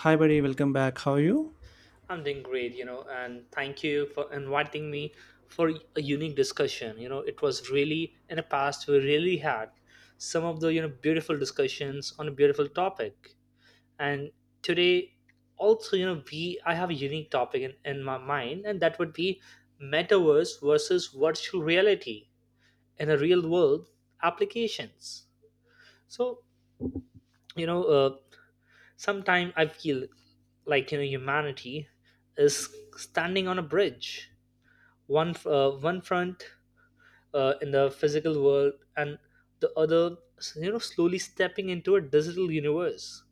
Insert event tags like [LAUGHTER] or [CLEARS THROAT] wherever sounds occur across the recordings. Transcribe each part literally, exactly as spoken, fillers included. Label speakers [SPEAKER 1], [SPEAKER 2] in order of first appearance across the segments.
[SPEAKER 1] Hi, buddy. Welcome back. How are you?
[SPEAKER 2] I'm doing great, you know, and thank you for inviting me for a unique discussion. You know, it was really in the past we really had some of the you know beautiful discussions on a beautiful topic, and today also you know we I have a unique topic in, in my mind, and that would be metaverse versus virtual reality in a real world applications. So you know, uh, sometimes I feel like you know humanity is standing on a bridge, one uh, one front, uh, in the physical world, and the other, you know slowly stepping into a digital universe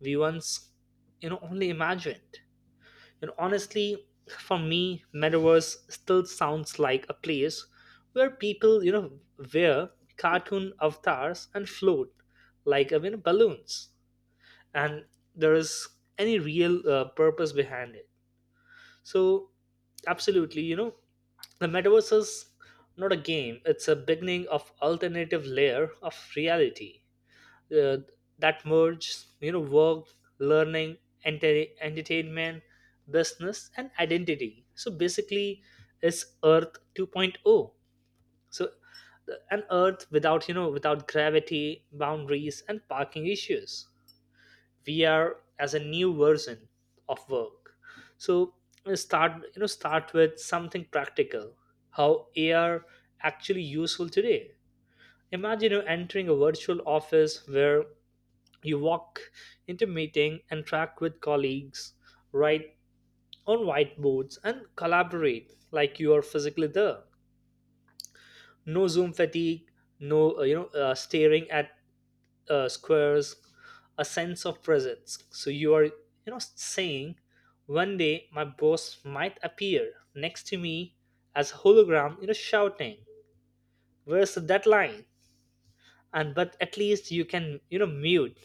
[SPEAKER 2] we once you know only imagined. And honestly, for me metaverse still sounds like a place where people you know wear cartoon avatars and float like, I mean, balloons, and there is any real uh, purpose behind it. So, absolutely, you know, the metaverse is not a game, it's a beginning of alternative layer of reality, uh, that merges, you know, work, learning, enter- entertainment, business, and identity. So basically, it's Earth 2.0. So uh, an Earth without, you know, without gravity, boundaries, and parking issues. V R as a new version of work. So uh, start you know start with something practical, how ar actually useful today. Imagine you're entering a virtual office where you walk into meeting and track with colleagues, write on whiteboards, and collaborate like you are physically there. No zoom fatigue, no uh, you know uh, staring at uh, squares, a sense of presence. So you are, you know, saying one day my boss might appear next to me as a hologram, you know, shouting, "Where's the deadline?" And but at least you can, you know, mute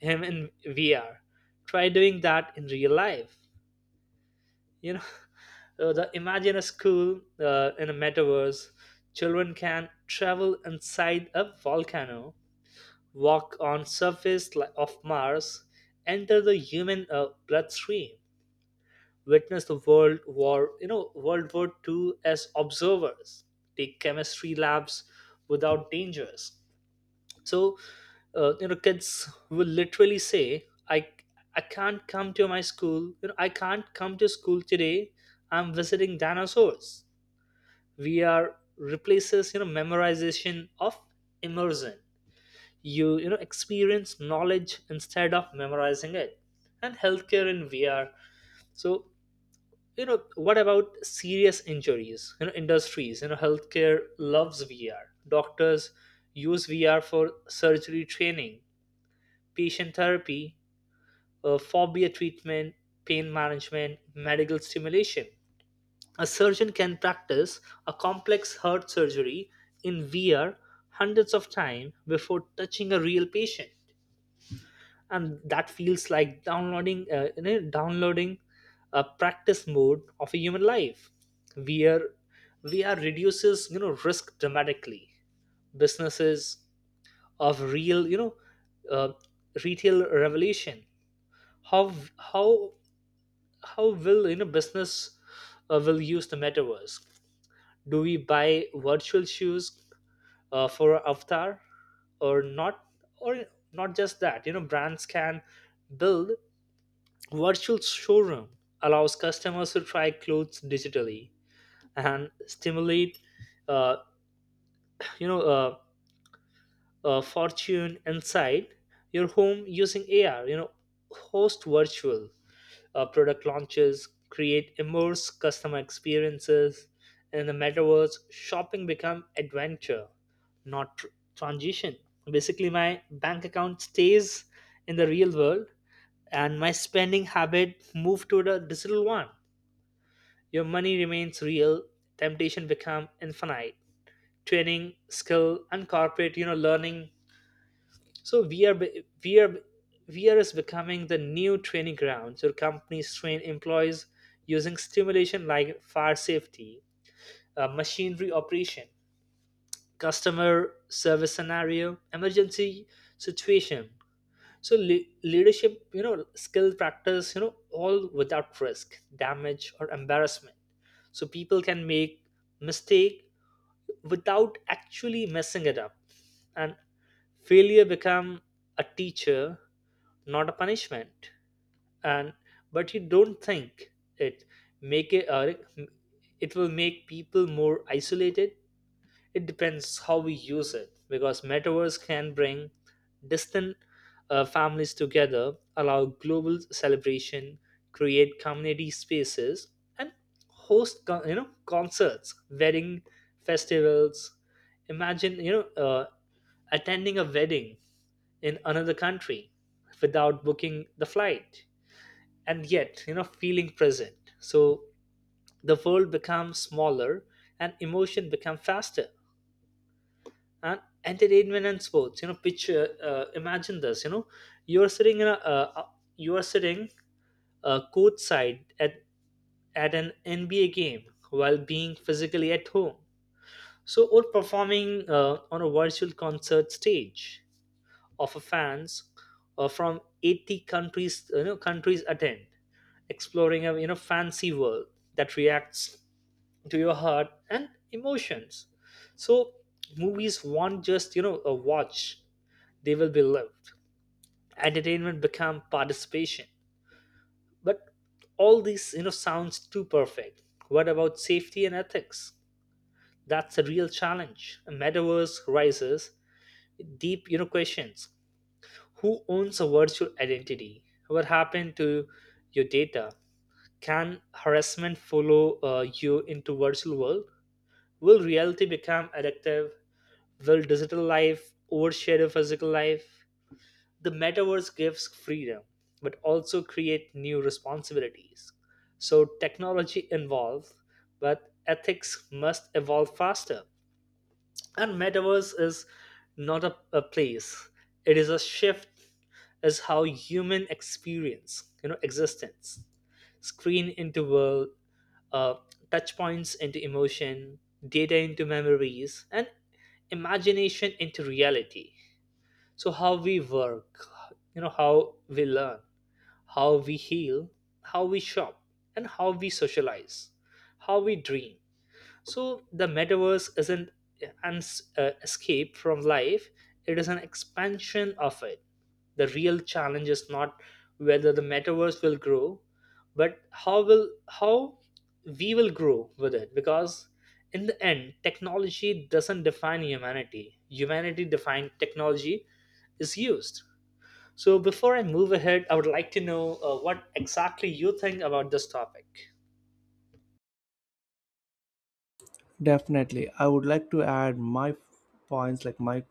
[SPEAKER 2] him in V R. Try doing that in real life. You know, [LAUGHS] Uh, the Imagine a school uh, in a metaverse. Children can travel inside a volcano, walk on surface li- of Mars, enter the human uh, bloodstream, witness the World War, you know, World War Two as observers, take chemistry labs without dangers. So, uh, you know, kids will literally say, "I I can't come to my school. You know, I can't come to school today. I'm visiting dinosaurs." We are replaces, you know, memorization of immersion. You you know experience knowledge instead of memorizing it. And healthcare in V R. So you know what about serious injuries you know industries, you know healthcare loves V R. Doctors use V R for surgery training, patient therapy, uh, phobia treatment, pain management, medical stimulation. A surgeon can practice a complex heart surgery in V R hundreds of times before touching a real patient. And that feels like downloading uh, you know, downloading a practice mode of a human life, where V R reduces, you know risk dramatically. Businesses of real, you know uh, retail revolution. How how how will you know business uh, will use the metaverse? Do we buy virtual shoes uh, for our avatar or not? Or not just that, you know brands can build virtual showroom, allows customers to try clothes digitally and stimulate, uh, you know, uh, uh, fortune inside your home using A R. You know, host virtual uh, product launches, create immerse customer experiences. In the metaverse, shopping become adventure, not tr- transition. Basically, my bank account stays in the real world, and my spending habit move to the digital one. Your money remains real, temptation become infinite. Training, skill, and corporate, you know, learning. So V R, be- V R, V R is becoming the new training ground. So companies train employees using stimulation like fire safety, uh, machinery operation, customer service scenario, emergency situation, so le- leadership, you know skill practice, you know all without risk, damage, or embarrassment. So people can make mistake without actually messing it up, and failure become a teacher, not a punishment. And but you don't think it make it uh, it will make people more isolated? It depends how we use it, because metaverse can bring distant uh, families together, allow global celebration, create community spaces, and host con- you know concerts, wedding, festivals. Imagine, you know uh, attending a wedding in another country without booking the flight, and yet, you know feeling present. So the world becomes smaller and emotion become faster. And entertainment and sports, you know picture, uh, imagine this, you know you're sitting in a uh, uh, you are sitting uh, courtside at at an N B A game while being physically at home. So or performing uh, on a virtual concert stage of a fans uh, from eighty countries you know countries attend, exploring a, you know fancy world that reacts to your heart and emotions. So movies want just, you know a watch, they will be lived, entertainment become participation. But all these, you know sounds too perfect. What about safety and ethics? That's a real challenge. A metaverse rises deep, you know questions. Who owns a virtual identity? What happened to your data? Can harassment follow uh, you into virtual world? Will reality become addictive? Will digital life overshadow physical life? The metaverse gives freedom, but also create new responsibilities. So technology involves, but ethics must evolve faster. And metaverse is not a, a place; it is a shift as how human experience, you know, existence. Screen into world, uh, touch points into emotion, data into memories, and imagination into reality. So how we work, you know how we learn, how we heal, how we shop, and how we socialize, how we dream. So the metaverse isn't an uh, escape from life, it is an expansion of it. The real challenge is not whether the metaverse will grow, but how will how we will grow with it, because in the end technology doesn't define humanity. Humanity defined technology is used. So before I move ahead, I would like to know uh, what exactly you think about this topic.
[SPEAKER 1] Definitely, I would like to add my points, like my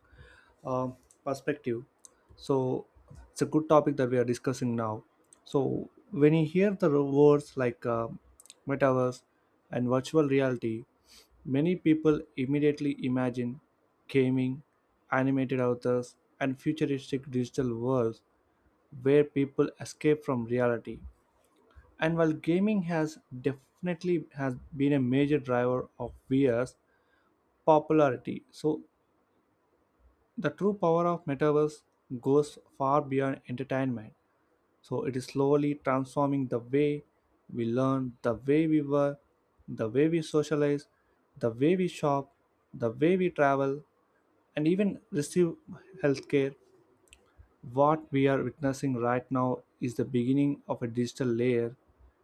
[SPEAKER 1] um, perspective. So it's a good topic that we are discussing now. So when you hear the words like uh, metaverse and virtual reality, many people immediately imagine gaming, animated authors, and futuristic digital worlds where people escape from reality. And while gaming has definitely has been a major driver of V R's popularity, so the true power of metaverse goes far beyond entertainment. So it is slowly transforming the way we learn, the way we work, the way we socialize, the way we shop, the way we travel, and even receive healthcare. What we are witnessing right now is the beginning of a digital layer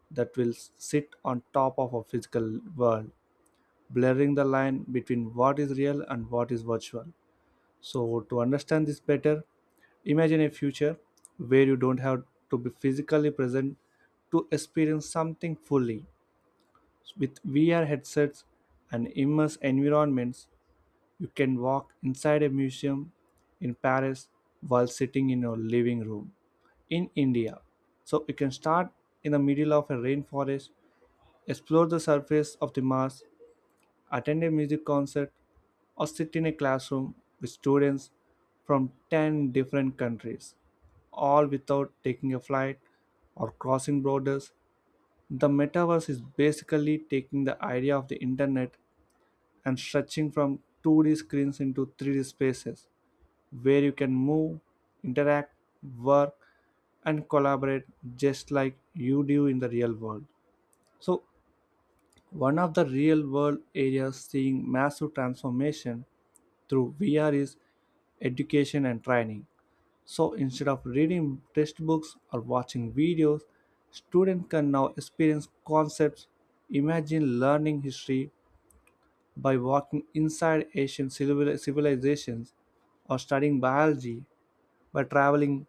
[SPEAKER 1] that will sit on top of a physical world, blurring the line between what is real and what is virtual. So, to understand this better, imagine a future where you don't have to be physically present to experience something fully. With V R headsets and immersive environments, you can walk inside a museum in Paris while sitting in your living room in India. So you can start in the middle of a rainforest, explore the surface of the Mars, attend a music concert, or sit in a classroom with students from ten different countries, all without taking a flight or crossing borders. The metaverse is basically taking the idea of the internet and stretching from two D screens into three D spaces where you can move, interact, work, and collaborate just like you do in the real world. So, one of the real world areas seeing massive transformation through V R is education and training. So, instead of reading textbooks or watching videos, students can now experience concepts. Imagine learning history by walking inside Asian civil- civilizations, or studying biology by traveling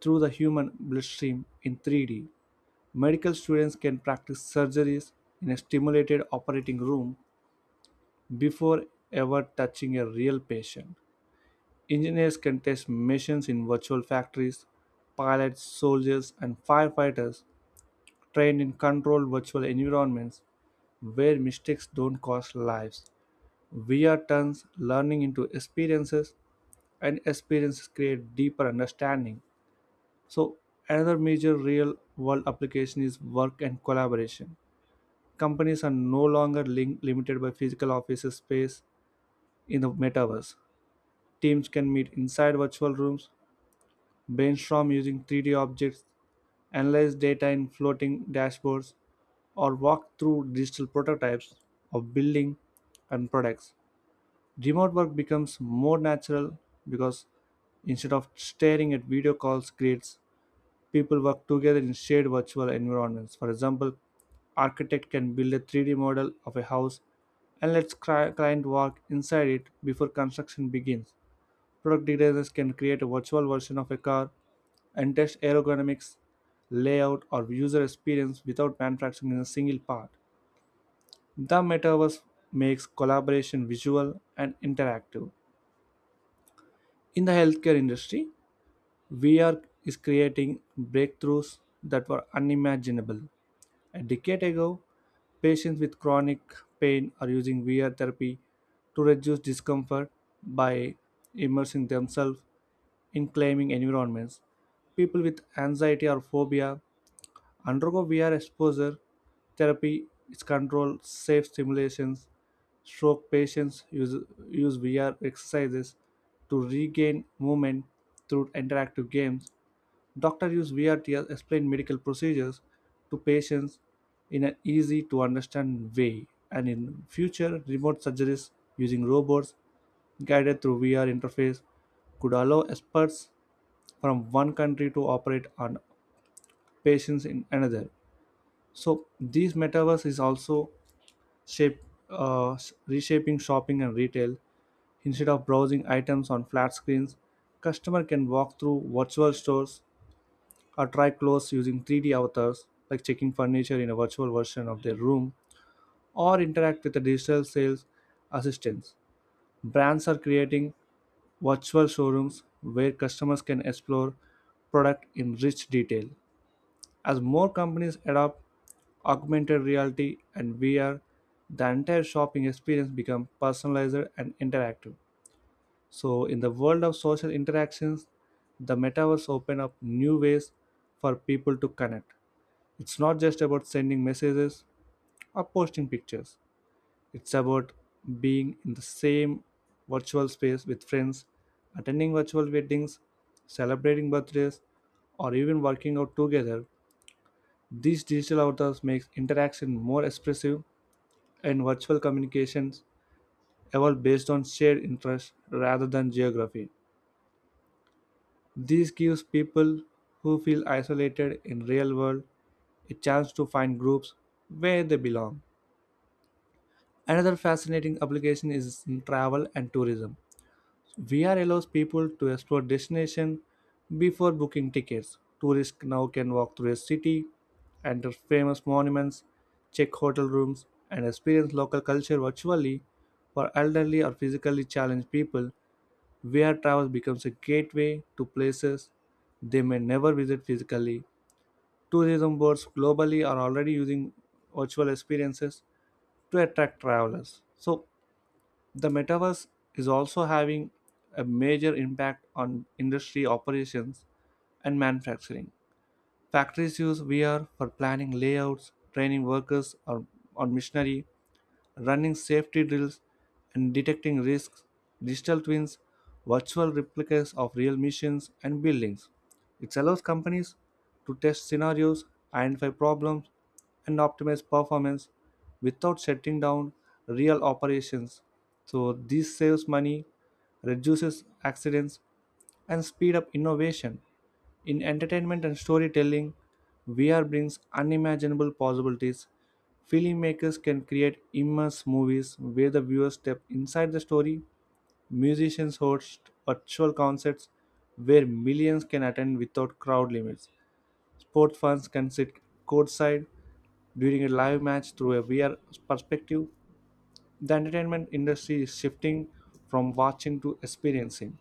[SPEAKER 1] through the human bloodstream in three D. Medical students can practice surgeries in a stimulated operating room before ever touching a real patient. Engineers can test machines in virtual factories. Pilots, soldiers, and firefighters trained in controlled virtual environments where mistakes don't cost lives. V R turns learning into experiences, and experiences create deeper understanding. So, another major real world application is work and collaboration. Companies are no longer link- limited by physical office space in the metaverse. Teams can meet inside virtual rooms, brainstorm using three D objects, analyze data in floating dashboards, or walk through digital prototypes of building and products. Remote work becomes more natural because instead of staring at video calls creates, people work together in shared virtual environments. For example, architect can build a three D model of a house and lets cli- client walk inside it before construction begins. Product designers can create a virtual version of a car and test ergonomics, layout, or user experience without manufacturing in a single part. The metaverse makes collaboration visual and interactive. In the healthcare industry, V R is creating breakthroughs that were unimaginable. A decade ago, patients with chronic pain are using V R therapy to reduce discomfort by immersing themselves in climbing environments. People with anxiety or phobia undergo V R exposure therapy. It's controlled, safe simulations. Stroke patients use, use V R exercises to regain movement through interactive games. Doctors use V R to explain medical procedures to patients in an easy to understand way, and in future, remote surgeries using robots guided through V R interface could allow experts from one country to operate on patients in another. So, this metaverse is also shape, uh, reshaping shopping and retail. Instead of browsing items on flat screens, customer can walk through virtual stores or try clothes using three D avatars, like checking furniture in a virtual version of their room, or interact with the digital sales assistants. Brands are creating virtual showrooms where customers can explore product in rich detail. As more companies adopt augmented reality and V R, the entire shopping experience becomes personalized and interactive. So, in the world of social interactions, the metaverse open up new ways for people to connect. It's not just about sending messages or posting pictures, it's about being in the same virtual space with friends, attending virtual weddings, celebrating birthdays, or even working out together. These digital avatars makes interaction more expressive and virtual communications evolve based on shared interests rather than geography. This gives people who feel isolated in real world a chance to find groups where they belong. Another fascinating application is in travel and tourism. V R allows people to explore destination before booking tickets. Tourists now can walk through a city, enter famous monuments, check hotel rooms, and experience local culture virtually. For elderly or physically challenged people, V R travel becomes a gateway to places they may never visit physically. Tourism boards globally are already using virtual experiences to attract travelers. So, the metaverse is also having a major impact on industry operations and manufacturing. Factories use V R for planning layouts, training workers or, or machinery, running safety drills, and detecting risks, digital twins, virtual replicas of real missions and buildings. It allows companies to test scenarios, identify problems, and optimize performance without shutting down real operations. So this saves money, reduces accidents, and speed up innovation. In entertainment and storytelling, V R brings unimaginable possibilities. Filmmakers can create immersive movies where the viewers step inside the story. Musicians host virtual concerts where millions can attend without crowd limits. Sports fans can sit courtside during a live match through a V R perspective. The entertainment industry is shifting from watching to experiencing.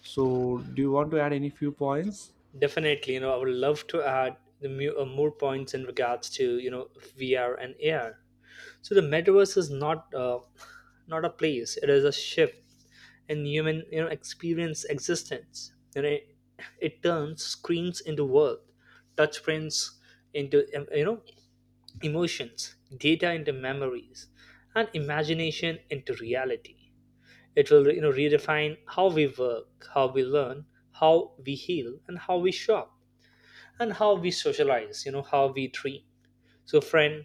[SPEAKER 1] So, do you want to add any few points?
[SPEAKER 2] Definitely, you know, I would love to add the mu- uh, more points in regards to, you know V R and A R. So the metaverse is not uh, not a place; it is a shift in human, you know experience existence. You know, it, it turns screens into world, touchprints into, um, you know emotions, data into memories, and imagination into reality. It will, you know redefine how we work, how we learn, how we heal, and how we shop, and how we socialize, you know how we dream. So friend,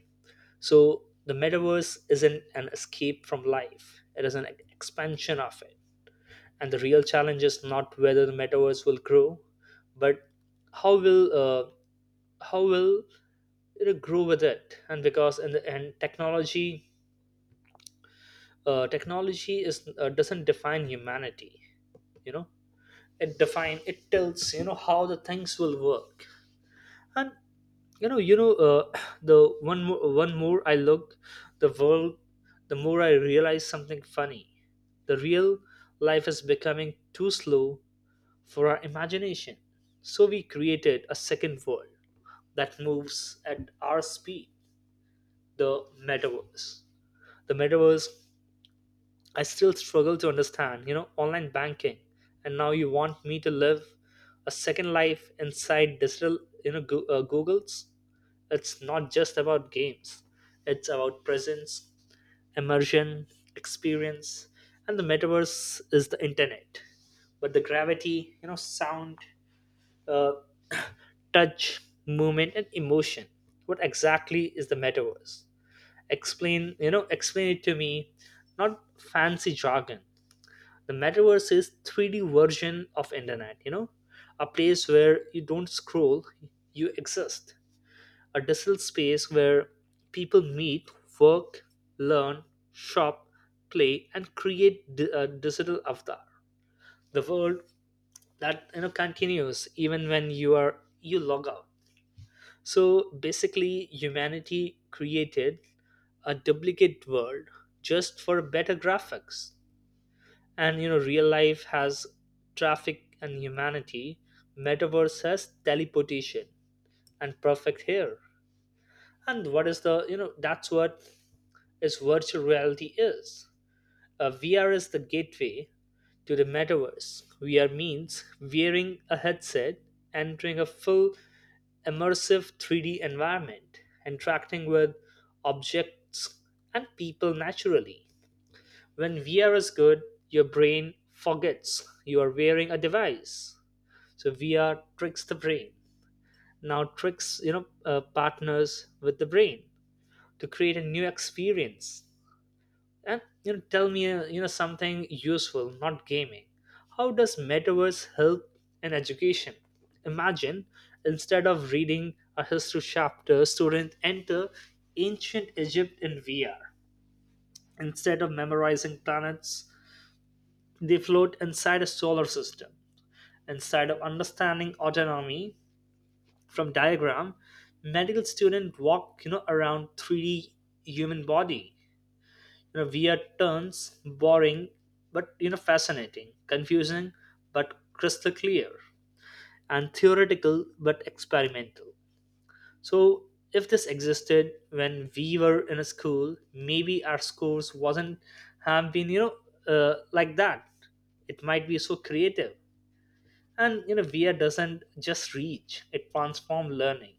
[SPEAKER 2] so the metaverse isn't an escape from life, it is an expansion of it. And the real challenge is not whether the metaverse will grow, but how will uh, how will it grow with it, and because in the end technology, uh, technology is uh, doesn't define humanity. you know it define it tells, you know how the things will work. And, you know you know uh, [CLEARS THROAT] [SIGHS] the one more, one more I looked the world, the more I realized something funny. The real life is becoming too slow for our imagination, so we created a second world that moves at our speed. The metaverse the metaverse I still struggle to understand, you know online banking, and now you want me to live a second life inside digital, you know Go- uh, googles. It's not just about games, it's about presence, immersion, experience, and the metaverse is the internet. But the gravity, you know, sound, uh, touch, movement, and emotion. What exactly is the metaverse? Explain, you know, explain it to me, not fancy jargon. The metaverse is three D version of internet, you know, a place where you don't scroll, you exist, a digital space where people meet, work, learn, shop, play, and create di- a digital avatar. The world that, you know continues even when you are you log out. So basically, humanity created a duplicate world just for better graphics. And, you know, real life has traffic and humanity. Metaverse has teleportation and perfect hair. And what is the, you know that's what is virtual reality is. Uh, V R is the gateway to the metaverse. V R means wearing a headset, entering a full immersive three D environment, interacting with objects and people naturally. When V R is good, your brain forgets you are wearing a device. So V R tricks the brain. Now tricks, you know, uh, partners with the brain to create a new experience. And, you know tell me, uh, you know something useful, not gaming. How does metaverse help in education? Imagine, instead of reading a history chapter, student enter ancient egypt in V R. Instead of memorizing planets, they float inside a solar system. Instead of understanding autonomy from diagram, medical student walk, you know around three D human body. you know, weird turns boring but, you know fascinating, confusing but crystal clear, and theoretical but experimental. So if this existed when we were in a school, maybe our scores wasn't have been, you know uh, like that. It might be so creative, and, you know V R doesn't just reach; it transform learning.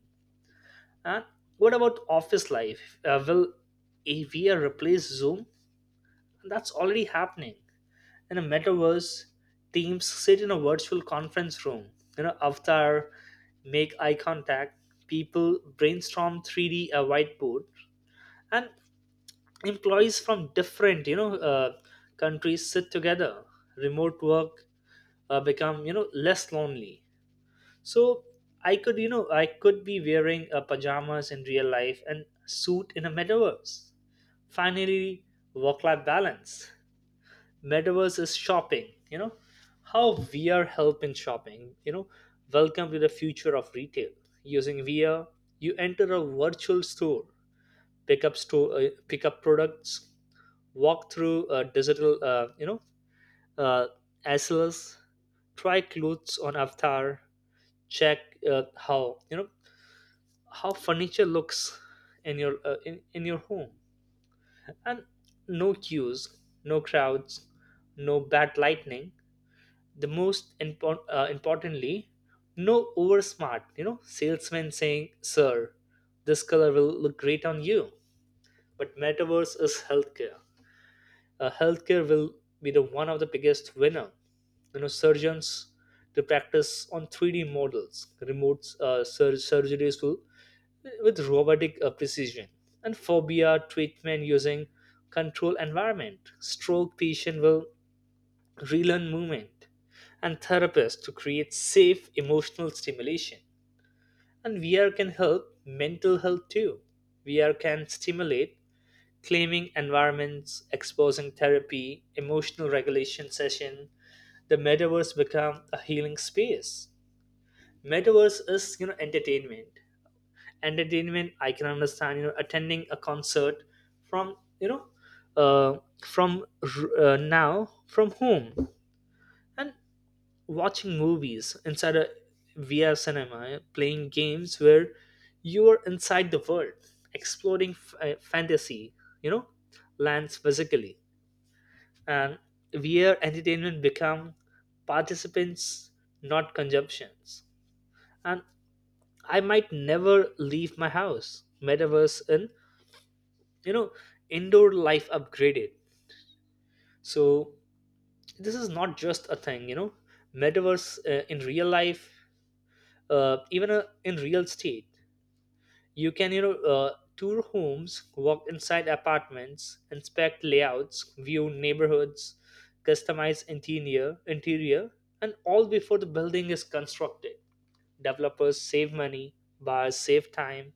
[SPEAKER 2] And what about office life? Uh, will a V R replace Zoom? That's already happening in a metaverse. Teams sit in a virtual conference room, you know, avatar, make eye contact, people brainstorm three D a whiteboard, and employees from different, you know, uh, countries sit together. Remote work uh, become, you know, less lonely. So I could, you know, I could be wearing uh, pajamas in real life and suit in a metaverse. Finally, work-life balance metaverse is shopping you know How VR help in shopping you know Welcome to the future of retail. Using VR, you enter a virtual store, pick up store uh, pick up products, walk through uh, digital uh, you know uh, S L S, try clothes on avatar, check uh, how you know how furniture looks in your uh, in, in your home, and no queues, no crowds, no bad lightning. The most impor- uh, importantly, no over smart you know salesman saying, "Sir, this color will look great on you." But metaverse is healthcare. Uh, healthcare will be the one of the biggest winner. You know surgeons to practice on three D models, remote uh, sur- surgeries will with robotic uh, precision, and phobia treatment using control environment, stroke patient will relearn movement, and therapists to create safe emotional stimulation. And V R can help mental health too. V R can stimulate claiming environments, exposing therapy, emotional regulation session. The metaverse become a healing space. Metaverse is you know entertainment. Entertainment I can understand, you know attending a concert from you know uh, from r- uh, now from home, and watching movies inside a V R cinema, playing games where you are inside the world, exploring f- uh, fantasy, you know, lands physically. And V R entertainment become participants, not consumptions. And I might never leave my house. Metaverse in, you know, indoor life upgraded. So this is not just a thing, you know, metaverse uh, in real life, uh, even uh, in real state. You can, you know, uh, tour homes, walk inside apartments, inspect layouts, view neighborhoods, customize interior, interior, and all before the building is constructed. Developers save money, buyers save time,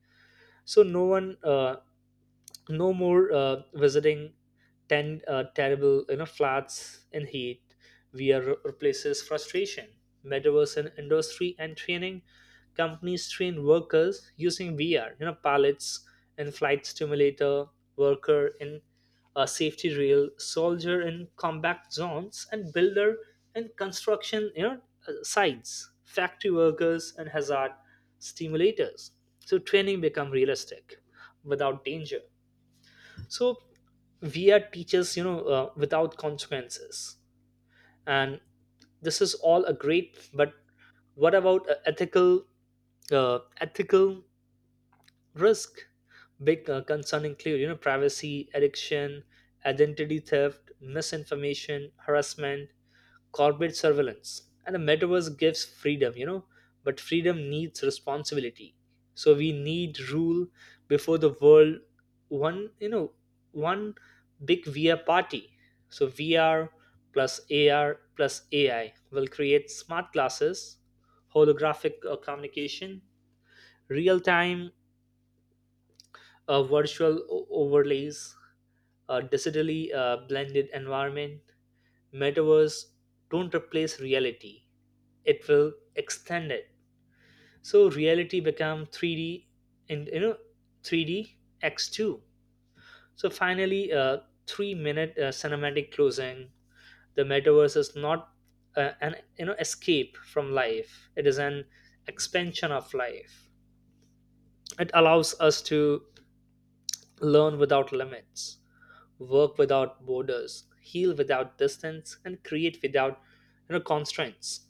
[SPEAKER 2] so no one uh, no more uh, visiting ten uh, terrible you know flats in heat. VR re- replaces frustration. Metaverse and industry and training, companies train workers using VR. You know pilots in flight simulator, worker in a safety rail, soldier in combat zones, and builder in construction, you know uh, sites, factory workers and hazard stimulators. So training become realistic without danger. So we are teachers, you know uh, without consequences. And this is all a great, but what about uh, ethical uh, ethical risk? Big uh, concern include, you know privacy, addiction, identity theft, misinformation, harassment, corporate surveillance. And the metaverse gives freedom, you know but freedom needs responsibility. So we need rule before the world, one you know one big VR party. So VR plus A R plus A I will create smart glasses, holographic uh, communication, real time uh, virtual o- overlays, a digitally uh, blended environment. Metaverse don't replace reality; it will extend it. So reality become three D, and you know three D X two. So finally, uh, three minute uh, cinematic closing. The metaverse is not uh, an you know escape from life. It is an expansion of life. It allows us to learn without limits, work without borders, heal without distance, and create without you know, constraints,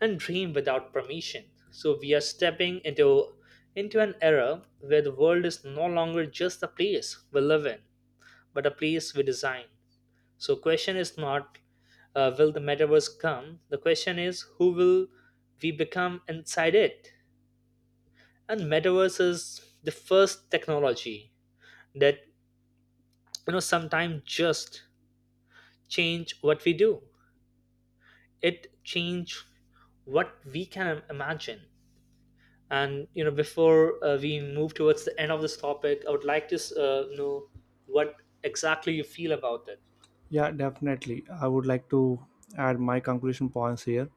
[SPEAKER 2] and dream without permission. So we are stepping into into an era where the world is no longer just a place we live in, but a place we design. So question is not, uh, will the metaverse come? The question is, who will we become inside it? And metaverse is the first technology that you know sometimes just change what we do. It changed what we can imagine. And you know before uh, we move towards the end of this topic. I would like to uh, know what exactly you feel about it.
[SPEAKER 1] Yeah, definitely. I would like to add my conclusion points here.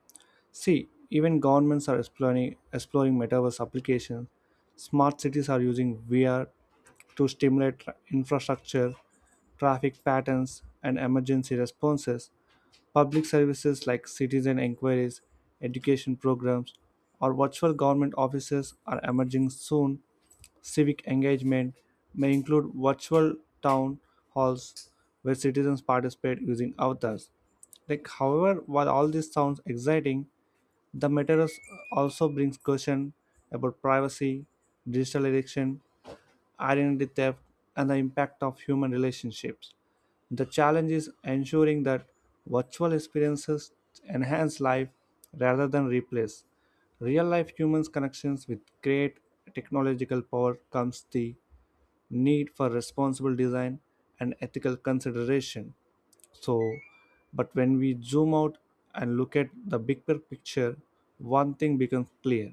[SPEAKER 1] See, even governments are exploring exploring metaverse applications. Smart cities are using V R to stimulate tra- infrastructure, traffic patterns, and emergency responses. Public services like citizen inquiries, education programs, or virtual government offices are emerging soon. Civic engagement may include virtual town halls where citizens participate using avatars. Like, however, while all this sounds exciting, the metaverse also brings question about privacy, digital addiction, identity theft, and the impact of human relationships. The challenge is ensuring that virtual experiences enhance life rather than replace real life humans connections. With great technological power comes the need for responsible design and ethical consideration. So, but when we zoom out and look at the big pic- picture, one thing becomes clear.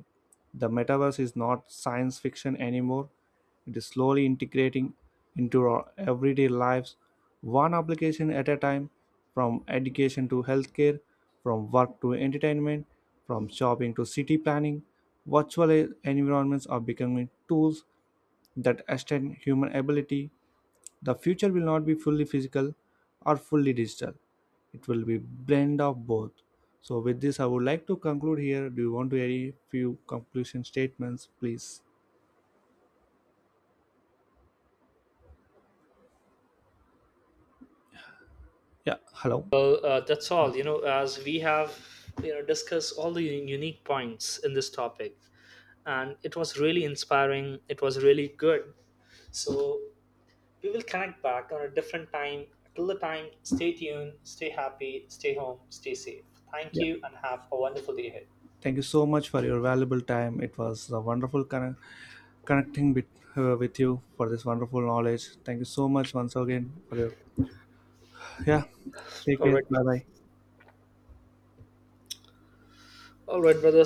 [SPEAKER 1] The metaverse is not science fiction anymore. It is slowly integrating into our everyday lives, one application at a time, from education to healthcare, from work to entertainment, from shopping to city planning. Virtual environments are becoming tools that extend human ability. The future will not be fully physical or fully digital. It will be blend of both. So with this, I would like to conclude here. Do you want to add a few conclusion statements, please? Yeah. Hello.
[SPEAKER 2] Well, uh, that's all. You know as we have you know discussed all the un- unique points in this topic, and it was really inspiring, it was really good. So we will connect back on a different time. Till the time, stay tuned, stay happy, stay home, stay safe. Thank
[SPEAKER 1] Yeah.
[SPEAKER 2] you, and have a wonderful day ahead.
[SPEAKER 1] Thank you so much for your valuable time. It was a wonderful conne- connecting with, uh, with you for this wonderful knowledge. Thank you so much once again for your, yeah. Take
[SPEAKER 2] All
[SPEAKER 1] care.
[SPEAKER 2] right.
[SPEAKER 1] Bye bye.
[SPEAKER 2] All right, brother.